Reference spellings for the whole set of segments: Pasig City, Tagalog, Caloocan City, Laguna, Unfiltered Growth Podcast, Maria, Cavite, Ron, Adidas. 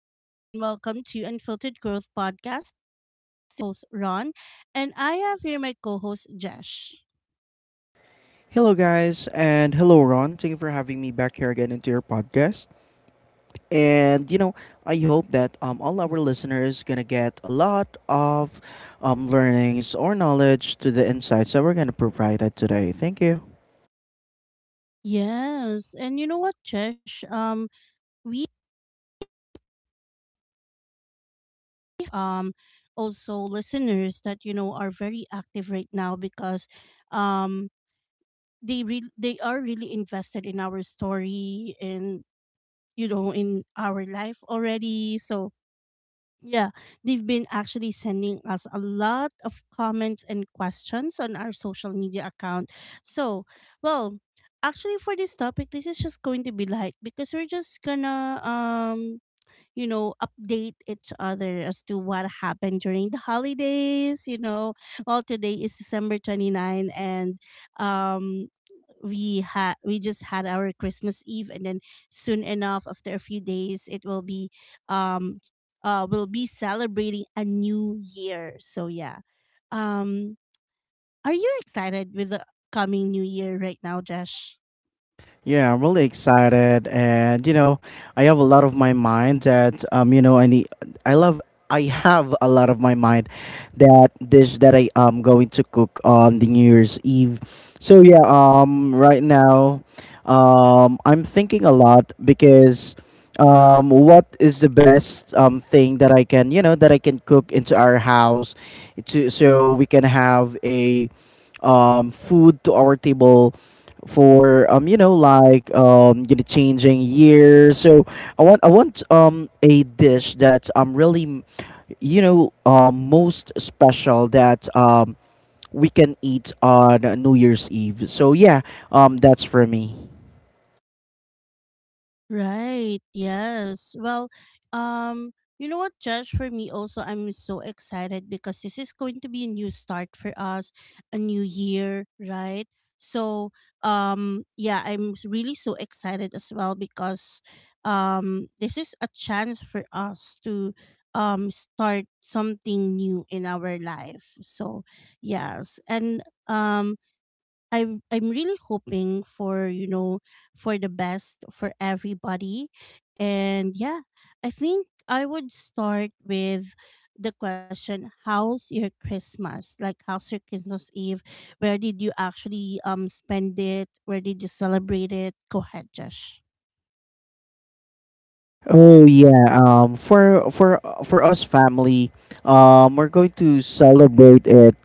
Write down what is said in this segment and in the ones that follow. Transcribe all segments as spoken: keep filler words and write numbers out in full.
Hi, everyone. Welcome to Unfiltered Growth Podcast. This is host Ron, and I have here my co-host Jesh. Hello, guys, and hello, Ron. Thank you for having me back here again into your podcast. And you know, I hope that um, all our listeners gonna get a lot of um, learnings or knowledge to the insights that we're gonna provide it today. Thank you. Yes, and you know what, Jesh? Um, we um also listeners that you know are very active right now because um they re- they are really invested in our story and you know in our life already. So yeah, they've been actually sending us a lot of comments and questions on our social media account. So, well, actually for this topic, this is just going to be light because we're just gonna um you know, update each other as to what happened during the holidays, you know. Well, today is December 29, and um we had we just had our Christmas Eve, and then soon enough after a few days it will be um uh we'll be celebrating a new year. So yeah. Um are you excited with the coming new year right now, Josh? Yeah, I'm really excited, and you know, I have a lot of my mind that um, you know, I need, I love, I have a lot of my mind that dish that I am going to cook on the New Year's Eve. So yeah, um, right now, um, I'm thinking a lot because, um, what is the best um thing that I can, you know, that I can cook into our house, to so we can have a um food to our table for um you know like um you know changing years. So i want i want um a dish that um really you know um most special that um we can eat on New Year's Eve. So yeah, um that's for me. Right. Yes. Well, um, you know what, Josh? For me, also, I'm so excited because this is going to be a new start for us, a new year, right? So, um, yeah, I'm s- really so excited as well because, um, this is a chance for us to, um, start something new in our life. So, yes, and um, I'm I'm really hoping for you know for the best for everybody, and yeah, I think I would start with the question: how's your Christmas? Like, how's your Christmas Eve? Where did you actually um spend it? Where did you celebrate it? Go ahead, Josh. Oh yeah, um for for for us family, um we're going to celebrate it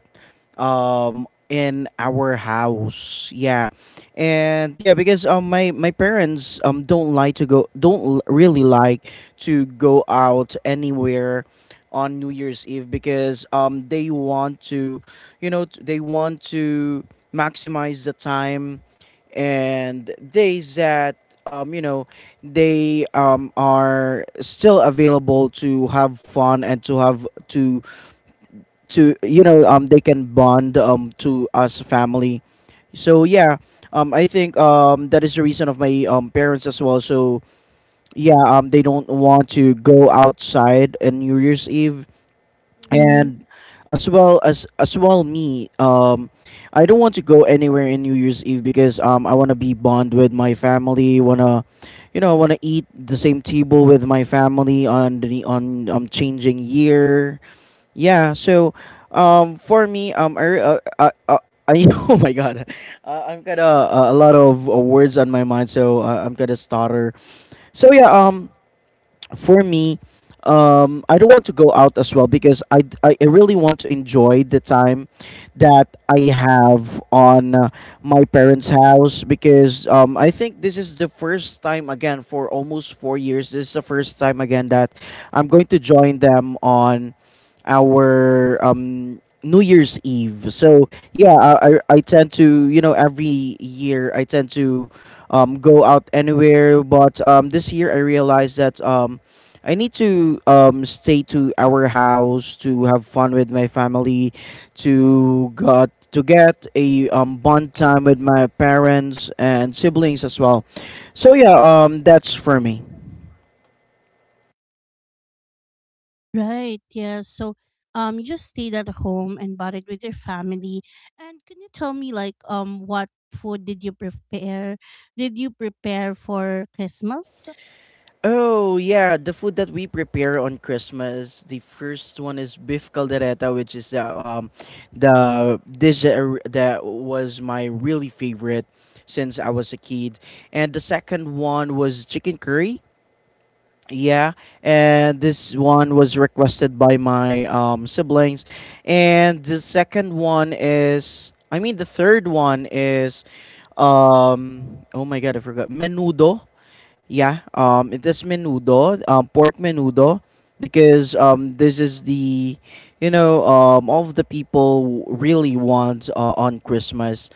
um in our house. Yeah, and yeah, because um my my parents um don't like to go, don't l- really like to go out anywhere on New Year's Eve, because um they want to, you know, t- they want to maximize the time and days that um you know they um are still available to have fun and to have to to you know, um they can bond um to us family. So yeah, um I think um that is the reason of my um parents as well. So yeah, um they don't want to go outside in New Year's Eve. And as well as as well me, um I don't want to go anywhere in New Year's Eve, because um I want to be bond with my family, want to, you know, want to eat the same table with my family on the on um changing year. Yeah, so um for me, um i uh, uh, uh, I, oh my god, uh, I've got a, a a lot of uh, words on my mind, so uh, I'm gonna stutter. So yeah, um for me, um, I don't want to go out as well because I, I I really want to enjoy the time that I have on uh, my parents' house, because um, I think this is the first time again for almost four years. This is the first time again that I'm going to join them on our um, New Year's Eve. So yeah, I, I I tend to, you know, every year I tend to um, go out anywhere, but um, this year I realized that. Um, I need to um stay to our house to have fun with my family, to got to get a um bond time with my parents and siblings as well. So yeah, um that's for me. Right, yeah. So um you just stayed at home and bought it with your family. And can you tell me like um what food did you prepare? Did you prepare for Christmas? Oh yeah, the food that we prepare on Christmas. The first one is beef caldereta, which is the um the dish that, I re- that was my really favorite since I was a kid. And the second one was chicken curry. Yeah, and this one was requested by my um, siblings, and the second one is, I mean, the third one is, um, oh my god, I forgot, menudo. Yeah, um, it is menudo, um, pork menudo, because um, this is the, you know, um, all of the people really want uh, on Christmas.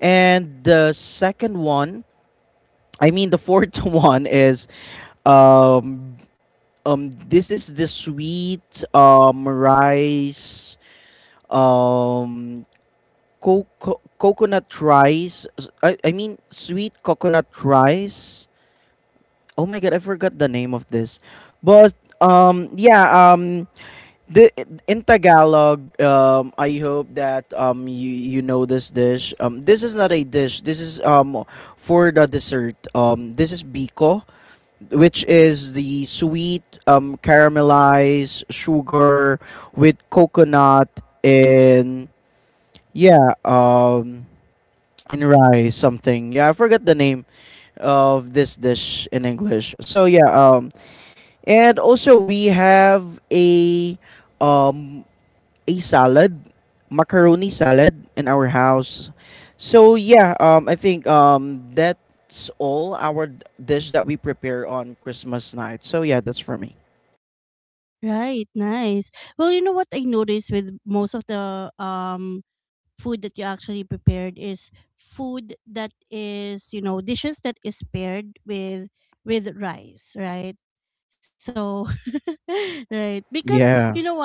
And the second one, I mean, the fourth one is um um, this is the sweet um rice, um coco- coconut rice. S- I I mean sweet coconut rice. Oh my god, I forgot the name of this. But um yeah, um the in Tagalog, um I hope that um you you know this dish. Um, this is not a dish. This is um for the dessert. Um, this is biko, which is the sweet um, caramelized sugar with coconut and, yeah, um and rice something. Yeah, I forgot the name of this dish in English. So yeah, um and also we have a um a salad, macaroni salad in our house. So yeah, um, I think um, that's all our d- dish that we prepare on Christmas night. So yeah, that's for me. Right, nice. Well, you know what I noticed with most of the um food that you actually prepared is food that is, you know, dishes that is paired with with rice, right? So right, because you know Yeah. what,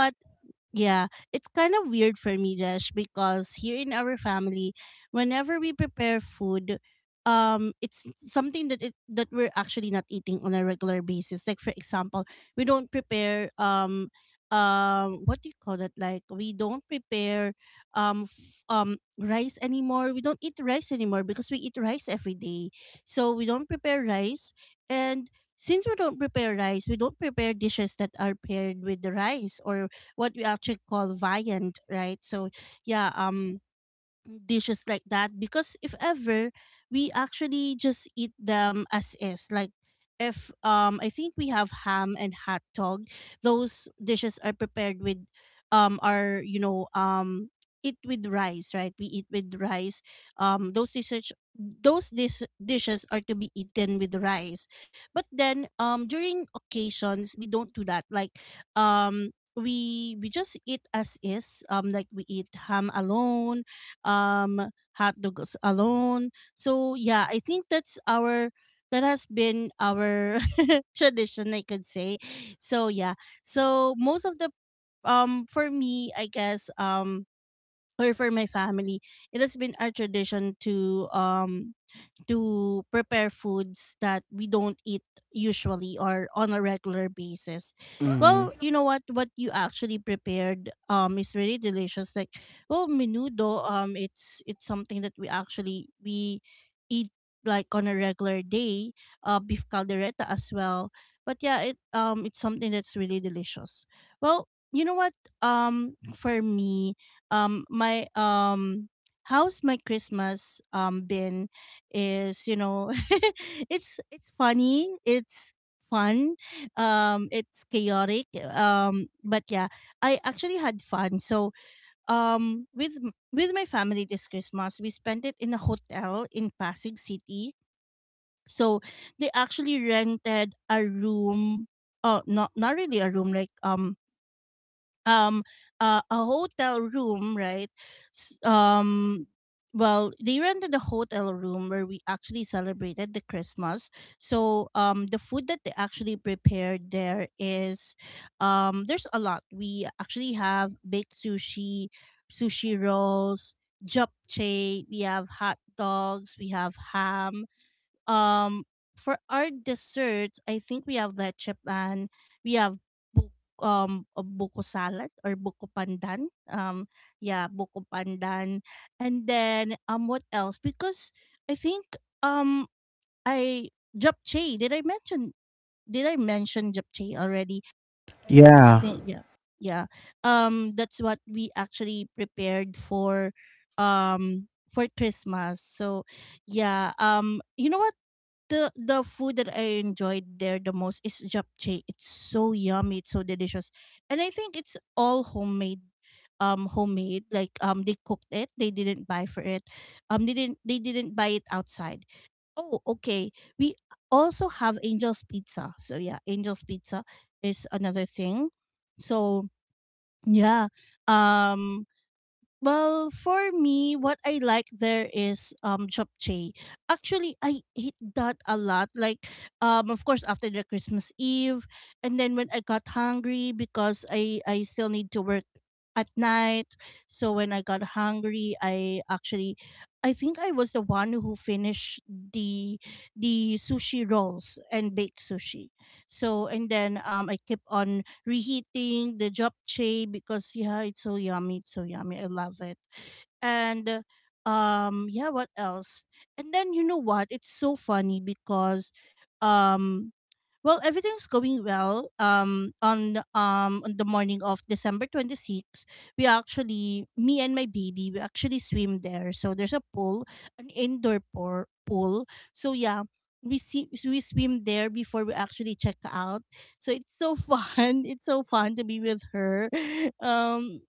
yeah, it's kind of weird for me, Jesh, because here in our family, whenever we prepare food, um, it's something that it, that we're actually not eating on a regular basis. Like for example, we don't prepare um, um, what do you call that? Like we don't prepare um, f- um, rice anymore. We don't eat rice anymore because we eat rice every day. So we don't prepare rice, and since we don't prepare rice, we don't prepare dishes that are paired with the rice or what we actually call viand, right? So yeah, um dishes like that because if ever we actually just eat them as is. Like if um I think we have ham and hot dog, those dishes are prepared with um are you know um eat with rice, right? We eat with rice, um those dishes those dis- dishes are to be eaten with rice. But then um during occasions we don't do that. Like, um we we just eat as is, um like we eat ham alone, um hot dogs alone. So yeah, I think that's our, that has been our tradition, I could say. So yeah, so most of the, um for me I guess, um or for my family, it has been our tradition to um to prepare foods that we don't eat usually or on a regular basis. Hmm. Well, you know what what you actually prepared um is really delicious. Like, well, menudo um it's it's something that we actually we eat like on a regular day, uh, beef caldereta as well. But yeah, it um it's something that's really delicious. Well, you know what, um for me, um my um how's my Christmas um been is, you know, it's it's funny, it's fun, um it's chaotic, um but yeah, I actually had fun. So um with m- with my family this Christmas we spent it in a hotel in Pasig City. So they actually rented a room, uh not not really a room like um um uh, a hotel room, right S- um well, they rented a hotel room where we actually celebrated the Christmas. So um the food that they actually prepared there is, um there's a lot. We actually have baked sushi, sushi rolls, japchae, we have hot dogs, we have ham, um, for our desserts, I think we have leche plan. We have bu- um a buko salad or buko pandan. Um, yeah, buko pandan. And then um, what else? Because I think, um, I japchae. Did I mention? Did I mention japchae already? I think Yeah. yeah, yeah. Um, that's what we actually prepared for um for Christmas. So yeah, um, you know what? the the food that I enjoyed there the most is japchae. It's so yummy, it's so delicious. And I think it's all homemade, um homemade, like um they cooked it, they didn't buy for it, um they didn't they didn't buy it outside. Oh okay, we also have Angel's Pizza. So yeah, Angel's Pizza is another thing. So yeah, um well, for me, what I like there is um japchae. Actually, I eat that a lot. Like, um, of course, after the Christmas Eve, and then when I got hungry because I I still need to work at night. So when I got hungry, I actually, I think I was the one who finished the the sushi rolls and baked sushi. So and then um, I kept on reheating the japchae because yeah, it's so yummy, it's so yummy. I love it. And um yeah, what else? And then you know what, it's so funny because, um well, everything's going well um on the- um on the morning of December twenty-sixth, we actually, me and my baby, we actually swim there. So there's a pool, an indoor por- pool. So yeah, we see we swim there before we actually check out. So it's so fun it's so fun to be with her um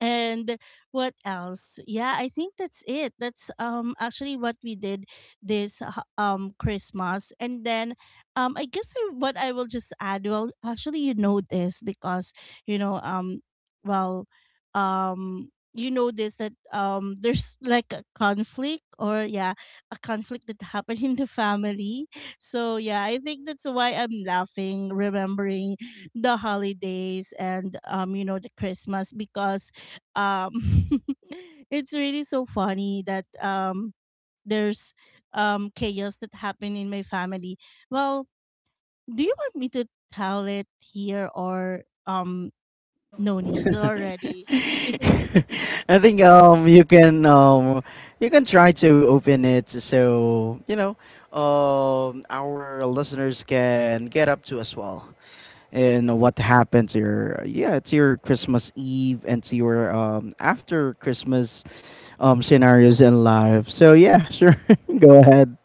and what else? Yeah, I think that's it. That's um actually what we did this uh, um Christmas. And then um I guess I, what I will just add, well actually you know this because you know um well um you know this that um there's like a conflict, or yeah, a conflict that happened in the family. So yeah, I think that's why I'm laughing, remembering the holidays and um you know the Christmas because um it's really so funny that um there's um chaos that happened in my family. Well, do you want me to tell it here, or um no need already? I think um you can um you can try to open it so you know um our listeners can get up to as well. And what happened to your, yeah, to your Christmas Eve, and to your um after Christmas um scenarios in life. So yeah, sure, go ahead.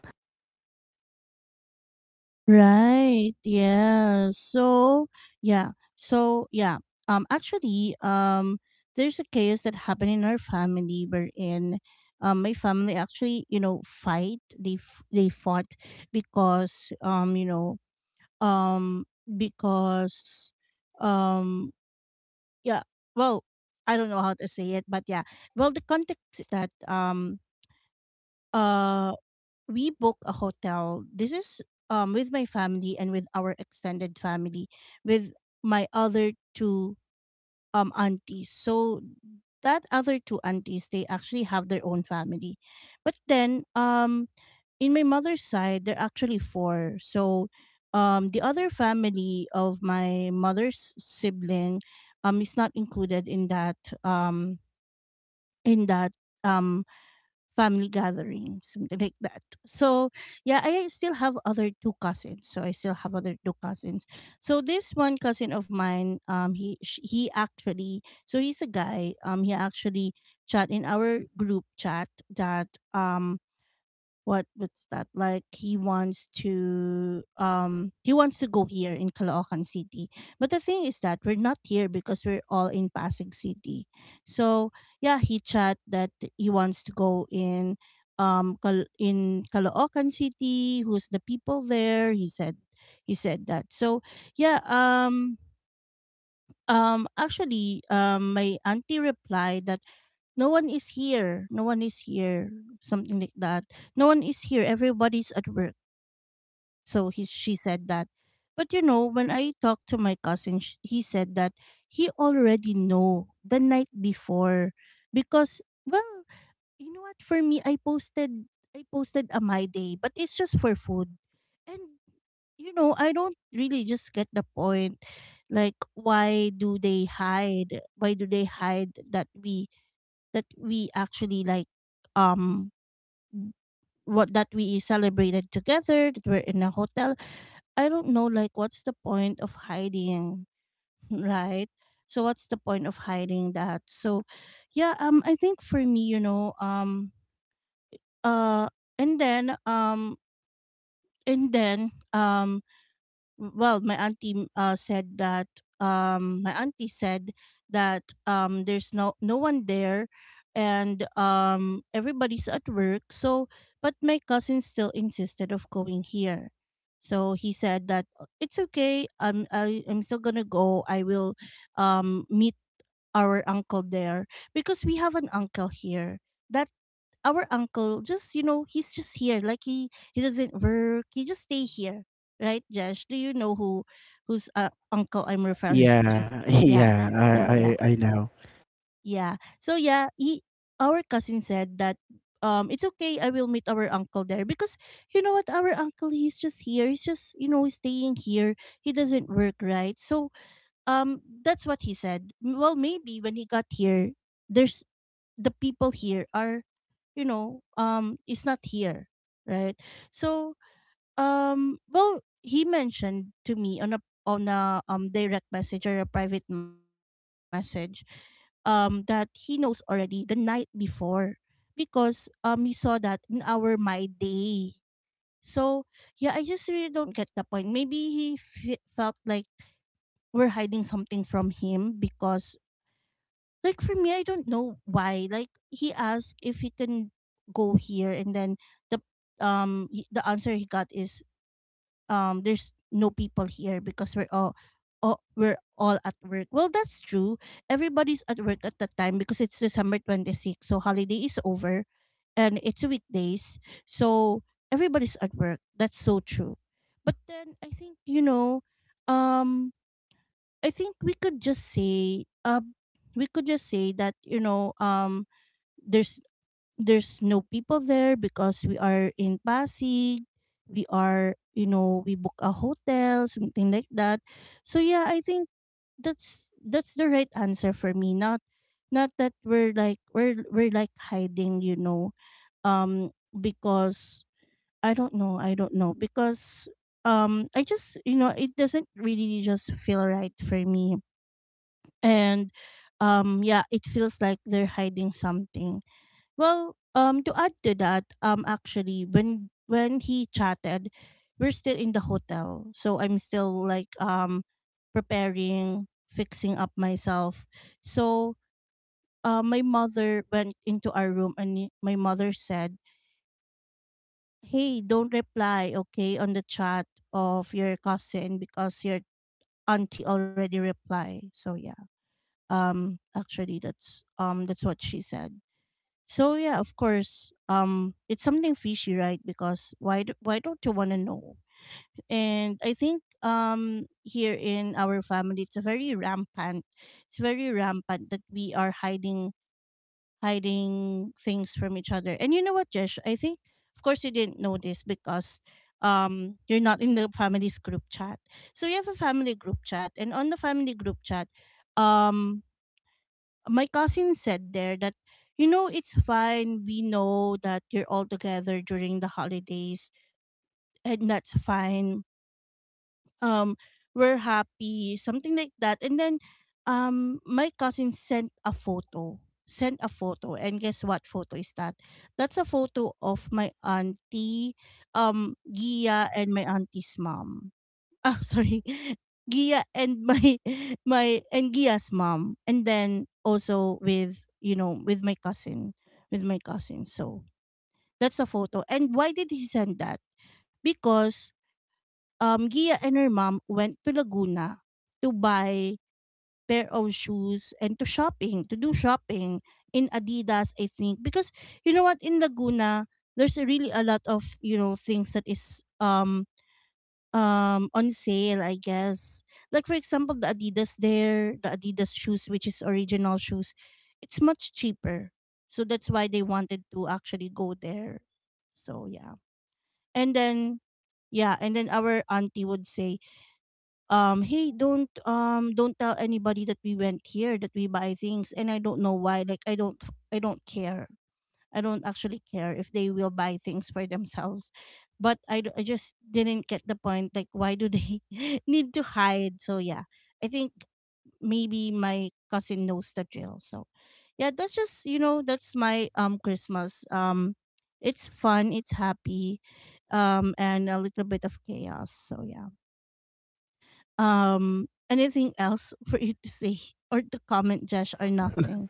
Right, yeah. So yeah, so yeah, um actually um there's a chaos that happened in our family, wherein um my family actually, you know, fight they f- they fought because um you know, um because um yeah. Well, I don't know how to say it, but yeah, well, the context is that um uh we book a hotel. This is um with my family and with our extended family, with my other two um aunties. So that other two aunties, they actually have their own family. But then um in my mother's side, there are actually four. So um the other family of my mother's sibling um is not included in that, um in that um family gathering, something like that. So yeah, I still have other two cousins. So I still have other two cousins. So this one cousin of mine, um, he sh- he actually, so he's a guy. Um, he actually chat in our group chat that um what what's that like he wants to um he wants to go here in Caloocan City. But the thing is that we're not here because we're all in Pasig City. So yeah, he chat that he wants to go in um Cal- in Caloocan City. "Who's the people there?" he said. He said that. So yeah um um, actually, um, my auntie replied that no one is here. No one is here. Something like that. No one is here. Everybody's at work. So he, she said that. But you know, when I talked to my cousin, sh- he said that he already know the night before. Because, well, you know what? For me, I posted I posted a my day, but it's just for food, and you know, I don't really just get the point. Like, why do they hide? Why do they hide that we, that we actually like um w- what, that we celebrated together, that we're in a hotel? I don't know. Like, what's the point of hiding, right? So what's the point of hiding that? So, yeah. Um, I think for me, you know, um, uh, and then um, and then um well my auntie uh, said that um my auntie said that um there's no no one there, and um everybody's at work. So but my cousin still insisted of going here, so he said that, "Uh, it's okay, i'm I, i'm still gonna go. I will um meet our uncle there because we have an uncle here that our uncle, just you know, he's just here, like he he doesn't work, he just stay here. Right, Josh, do you know who whose uh, uncle I'm referring to? Yeah Yeah, yeah so yeah i i, I know. yeah so yeah he Our cousin said that, um it's okay, I will meet our uncle there because you know what, our uncle, he's just here, he's just, you know, staying here. He doesn't work, right? So um that's what he said. M- well, maybe when he got here, there's the people here are, you know, um is not here, right? So um well, he mentioned to me on a on a um direct message or a private message, um that he knows already the night before because um he saw that in our my day. So yeah, I just really don't get the point. Maybe he f- felt like we're hiding something from him because, like, for me, I don't know why. Like, he asked if he can go here, and then the um he- the answer he got is, um there's no people here because we're all, all we're all at work. Well, that's true, everybody's at work at the time because it's december twenty-sixth, so holiday is over and it's weekdays. So everybody's at work, that's so true. But then I think, you know, um I think we could just say uh we could just say that, you know, um there's there's no people there because we are in Pasig. We are, you know, we book a hotel, something like that. So yeah, I think that's that's the right answer for me. Not not that we're like, we're we're like hiding, you know, um because I don't know I don't know, because um I just, you know, it doesn't really just feel right for me. And um yeah, it feels like they're hiding something. Well, um to add to that, um actually, when when he chatted, we're still in the hotel, so I'm still like um preparing, fixing up myself. So uh, my mother went into our room and y- my mother said, "Hey, don't reply, okay, on the chat of your cousin because your auntie already replied." So yeah. Um actually, that's um that's what she said. So yeah, of course, um it's something fishy, right? Because why do, why don't you want to know? And I think um here in our family it's a very rampant. It's very rampant that we are hiding hiding things from each other. And you know what, Jesh? I think of course you didn't know this because um you're not in the family's group chat. So you have a family group chat, and on the family group chat um my cousin said there that, you know, it's fine, we know that you're all together during the holidays and that's fine. um we're happy, something like that. And then um my cousin sent a photo, sent a photo and guess what photo is that? That's a photo of my auntie, um Gia, and my auntie's mom. Oh, sorry. Gia and my my and Gia's mom, and then also with, you know, with my cousin, with my cousin. So that's a photo. And why did he send that? Because um Gia and her mom went to Laguna to buy pair of shoes and to shopping, to do shopping in Adidas, I think. Because you know what, in Laguna there's a really a lot of, you know, things that is um um on sale, I guess. Like, for example, the Adidas there, the Adidas shoes, which is original shoes, it's much cheaper. So that's why they wanted to actually go there. So yeah. And then, yeah, and then our auntie would say, um hey, don't um don't tell anybody that we went here, that we buy things. And I don't know why. Like, i don't I don't care. I don't actually care if they will buy things for themselves. But I, d- I just didn't get the point. Like, why do they need to hide? So, yeah, I think maybe my cousin knows the drill. So, yeah, that's just, you know, that's my um Christmas. Um, It's fun, it's happy, um, and a little bit of chaos. So, yeah. Um, anything else for you to say or to comment, Josh, or nothing?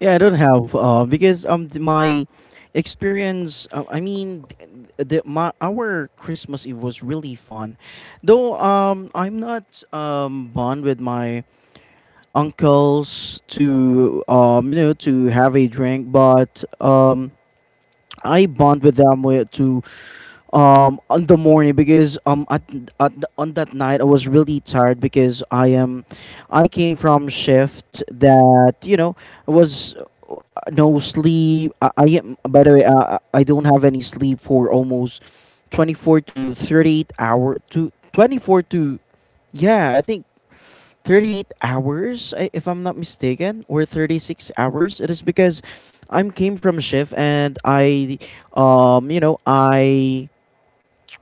Yeah, I don't have uh because um th- my experience, uh, i mean th- the, my, our Christmas Eve was really fun. Though um I'm not um bond with my uncles to, um you know, to have a drink, but um I bond with them, wi- to um on the morning, because um at, at the- on that night I was really tired because I am I came from shift that, you know, was uh, no sleep. I, I am, by the way, uh, I don't have any sleep for almost twenty-four to thirty-eight hour to twenty-four to, yeah, I think thirty-eight hours, I- if I'm not mistaken, or thirty-six hours. It is because I am came from shift and I, um, you know, I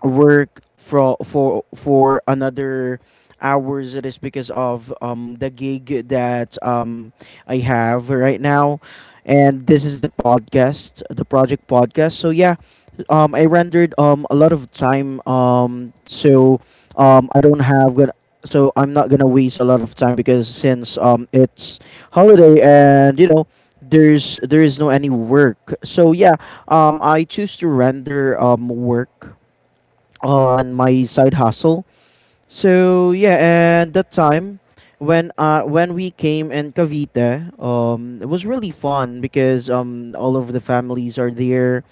work for for for another hours. It is because of um the gig that um I have right now, and this is the podcast, the project podcast. So yeah, um I rendered um a lot of time, um so um I don't have gonna so I'm not gonna waste a lot of time, because since um it's holiday and you know there's there is no any work. So yeah, um I choose to render um work on my side hustle. So yeah, and that time when uh when we came in Cavite, um, it was really fun because um all of the families are there.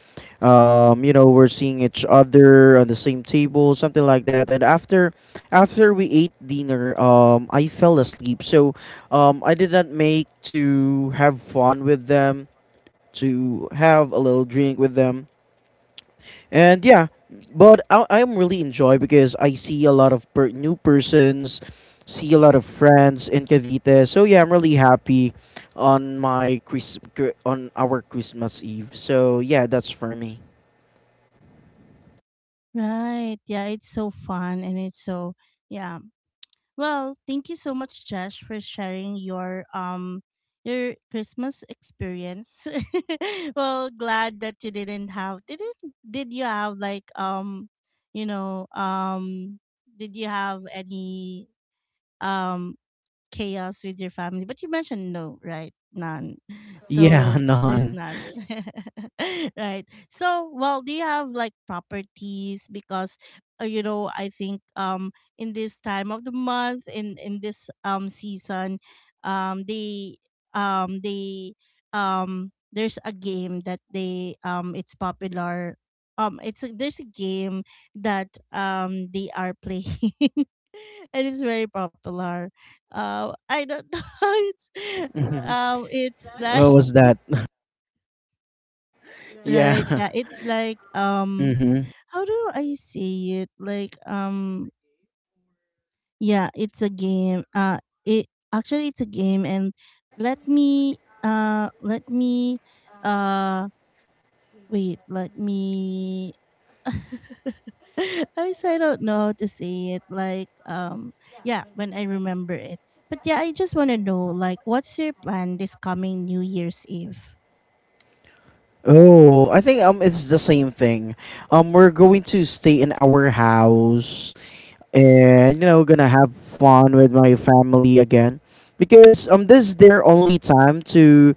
Um, you know, we're seeing each other on the same table, something like that. And after after we ate dinner, um, I fell asleep. So um, I did not make to have fun with them, to have a little drink with them. And yeah, but I, I'm really enjoy because I see a lot of per- new persons, see a lot of friends in Cavite. So yeah, I'm really happy on my Chris cr- on our Christmas Eve. So yeah, that's for me. Right. Yeah, it's so fun and it's so yeah. Well, thank you so much, Josh, for sharing your um your Christmas experience. Well, glad that you didn't have did it, did you have like um you know um did you have any um chaos with your family? But you mentioned no, right? None. Yeah, So there's none. none. Right. So, well, do you have like properties? Because uh, you know, I think um in this time of the month, in in this um season, um they um they um there's a game that they, um it's popular. um it's a, there's a game that um they are playing and it's very popular. uh, I don't know. It's Mhm. um, it's like What was that? right, Yeah. yeah. It's like, um, Mm-hmm. how do I say it? Like, um, yeah. It's a game. Uh, it actually it's a game, and let me uh, let me, uh, wait. Let me. I guess I don't know how to say it. Like, um, yeah. When I remember it. But yeah, I just want to know, like, what's your plan this coming New Year's Eve? Oh, I think um it's the same thing. Um, we're going to stay in our house, and, you know, gonna have fun with my family again, because um this is their only time to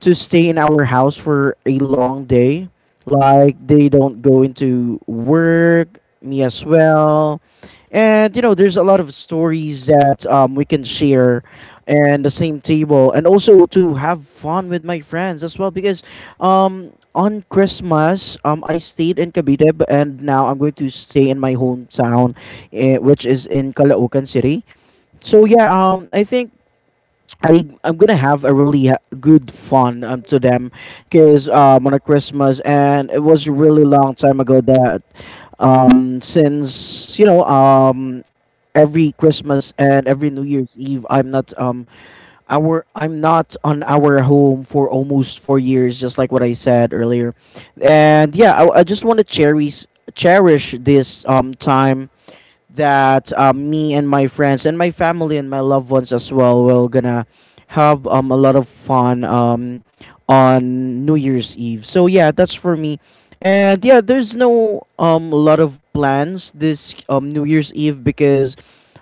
to stay in our house for a long day, like they don't go into work, me as well. And you know there's a lot of stories that, um, we can share and the same table, and also to have fun with my friends as well. Because um, on Christmas, um, I stayed in Cavite, b- and now I'm going to stay in my hometown, eh, which is in Caloocan City. So yeah, um, I think I I'm gonna have a really ha- good fun um to them, cause um on a Christmas. And it was a really long time ago that, um since you know um every Christmas and every New Year's Eve, I'm not um our I'm not on our home for almost four years, just like what I said earlier. And yeah, I, I just want to cherish cherish this um time that, um, me and my friends and my family and my loved ones as well will gonna have, um, a lot of fun, um, on New Year's Eve. So yeah, that's for me. And yeah, there's no um lot of plans this um New Year's Eve because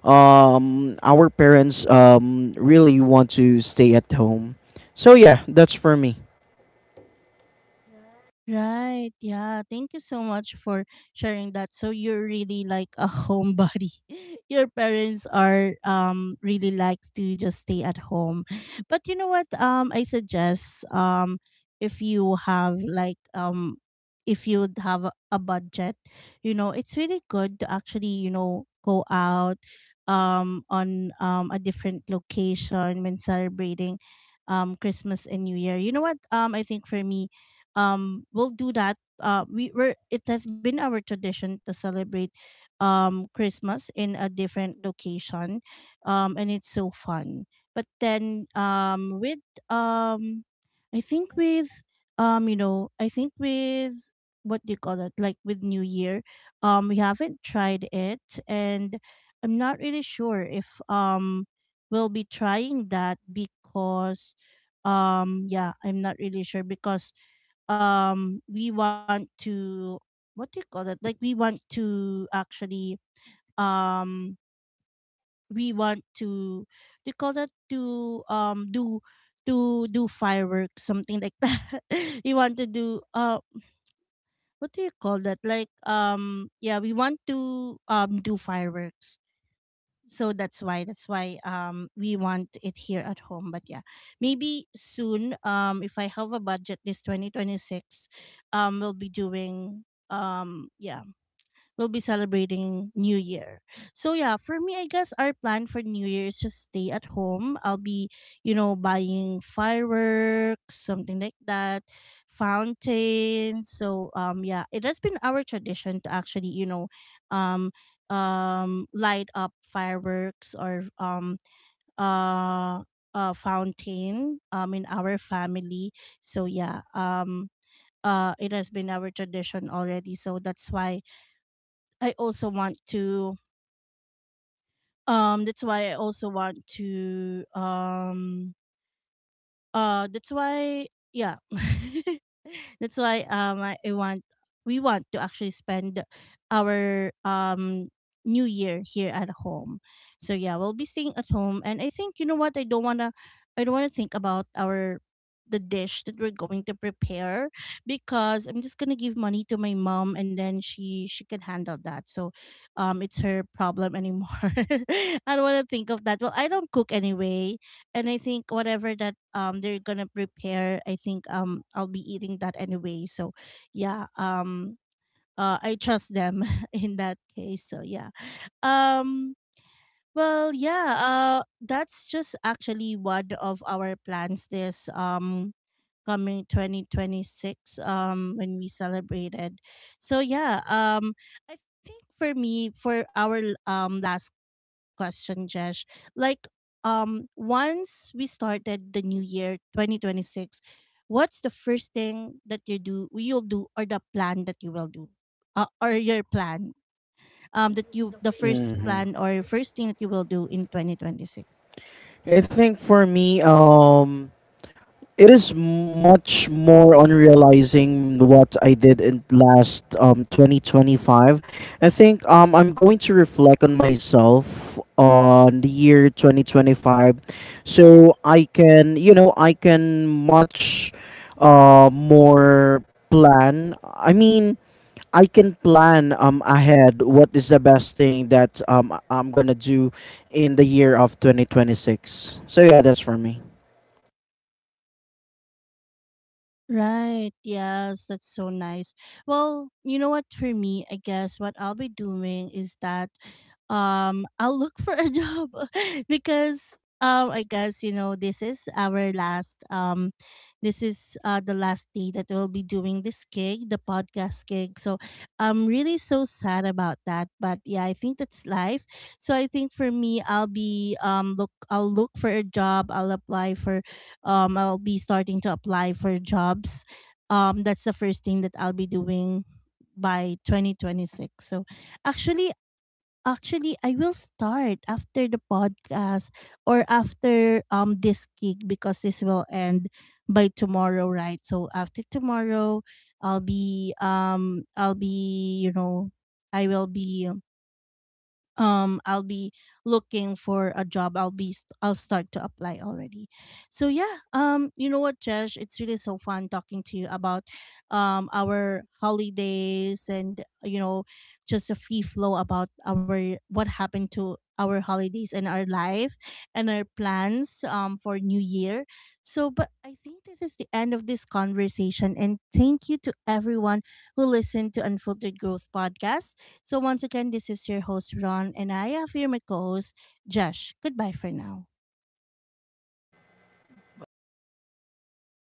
um our parents um really want to stay at home. So yeah, that's for me. Right. Yeah. Thank you so much for sharing that. So you're really like a homebody. Your parents are um really like to just stay at home. But you know what? Um I suggest um if you have like um if you would have a a budget, you know, it's really good to actually, you know, go out um on um a different location when celebrating um Christmas and New Year. You know what? Um I think for me um we'll do that. Uh we were It has been our tradition to celebrate um Christmas in a different location, um and it's so fun. But then um with um I think with um you know I think with, what do you call it, like with New Year, um we haven't tried it, and I'm not really sure if um we'll be trying that because um yeah, I'm not really sure because um we want to, what do you call it, like we want to actually um we want to they call that to um do to do fireworks, something like that. We want to do, uh what do you call that like um yeah, we want to um do fireworks. So that's why that's why um we want it here at home. But yeah, maybe soon, um if I have a budget this twenty twenty-six, um we'll be doing, um yeah, we'll be celebrating New Year. So yeah, for me, I guess our plan for New Year is just stay at home. I'll be, you know, buying fireworks, something like that, fountain. So um, yeah, it has been our tradition to actually, you know, um, um, light up fireworks or um, uh. Uh, fountain um in our family. So yeah, um uh it has been our tradition already, so that's why I also want to um that's why I also want to um uh, that's why, yeah, that's why um I, I want, we want to actually spend our um New Year here at home. So yeah, we'll be staying at home, and I think, you know what, I don't wanna I don't wanna think about our the dish that we're going to prepare because I'm just gonna give money to my mom, and then she she can handle that. So um it's her problem anymore. I don't wanna think of that. Well, I don't cook anyway, and I think whatever that um they're gonna prepare, I think um I'll be eating that anyway. So yeah, um uh I trust them in that case. So yeah. Um well yeah, uh that's just actually one of our plans this um coming twenty twenty-six um when we celebrated. So yeah, um I think for me, for our l- um last question, Jesh, like, um once we started the new year twenty twenty-six, what's the first thing that you do you'll do, or the plan that you will do, uh, or your plan um that you, the first Hmm. plan or first thing that you will do in twenty twenty-six? I think for me, um it is much more on realizing what I did in last um twenty twenty-five. I think um I'm going to reflect on myself on the year twenty twenty-five, so I can, you know, I can much uh more plan. I mean, I can plan um ahead what is the best thing that um I'm going to do in the year of twenty twenty-six. So yeah, that's for me. Right. Yes, that's so nice. Well, you know what, for me, I guess what I'll be doing is that um I'll look for a job because um I guess, you know, this is our last um this is uh the last day that we'll be doing this gig, the podcast gig. So I'm really so sad about that, but yeah, I think that's life. So I think for me I'll be um look I'll look for a job, I'll apply for um I'll be starting to apply for jobs. Um that's the first thing that I'll be doing by twenty twenty-six. So actually actually I will start after the podcast, or after um this gig, because this will end by tomorrow, right? So after tomorrow I'll be um I'll be you know I will be um I'll be looking for a job. I'll be st- I'll start to apply already. So yeah, um you know what, Josh, it's really so fun talking to you about um our holidays, and you know, just a free flow about our what happened to our holidays and our life and our plans um for new year. So but I think this is the end of this conversation, and thank you to everyone who listened to Unfiltered Growth podcast. So, once again, this is your host, Ron, and I have here my co host, Josh. Goodbye for now. Bye.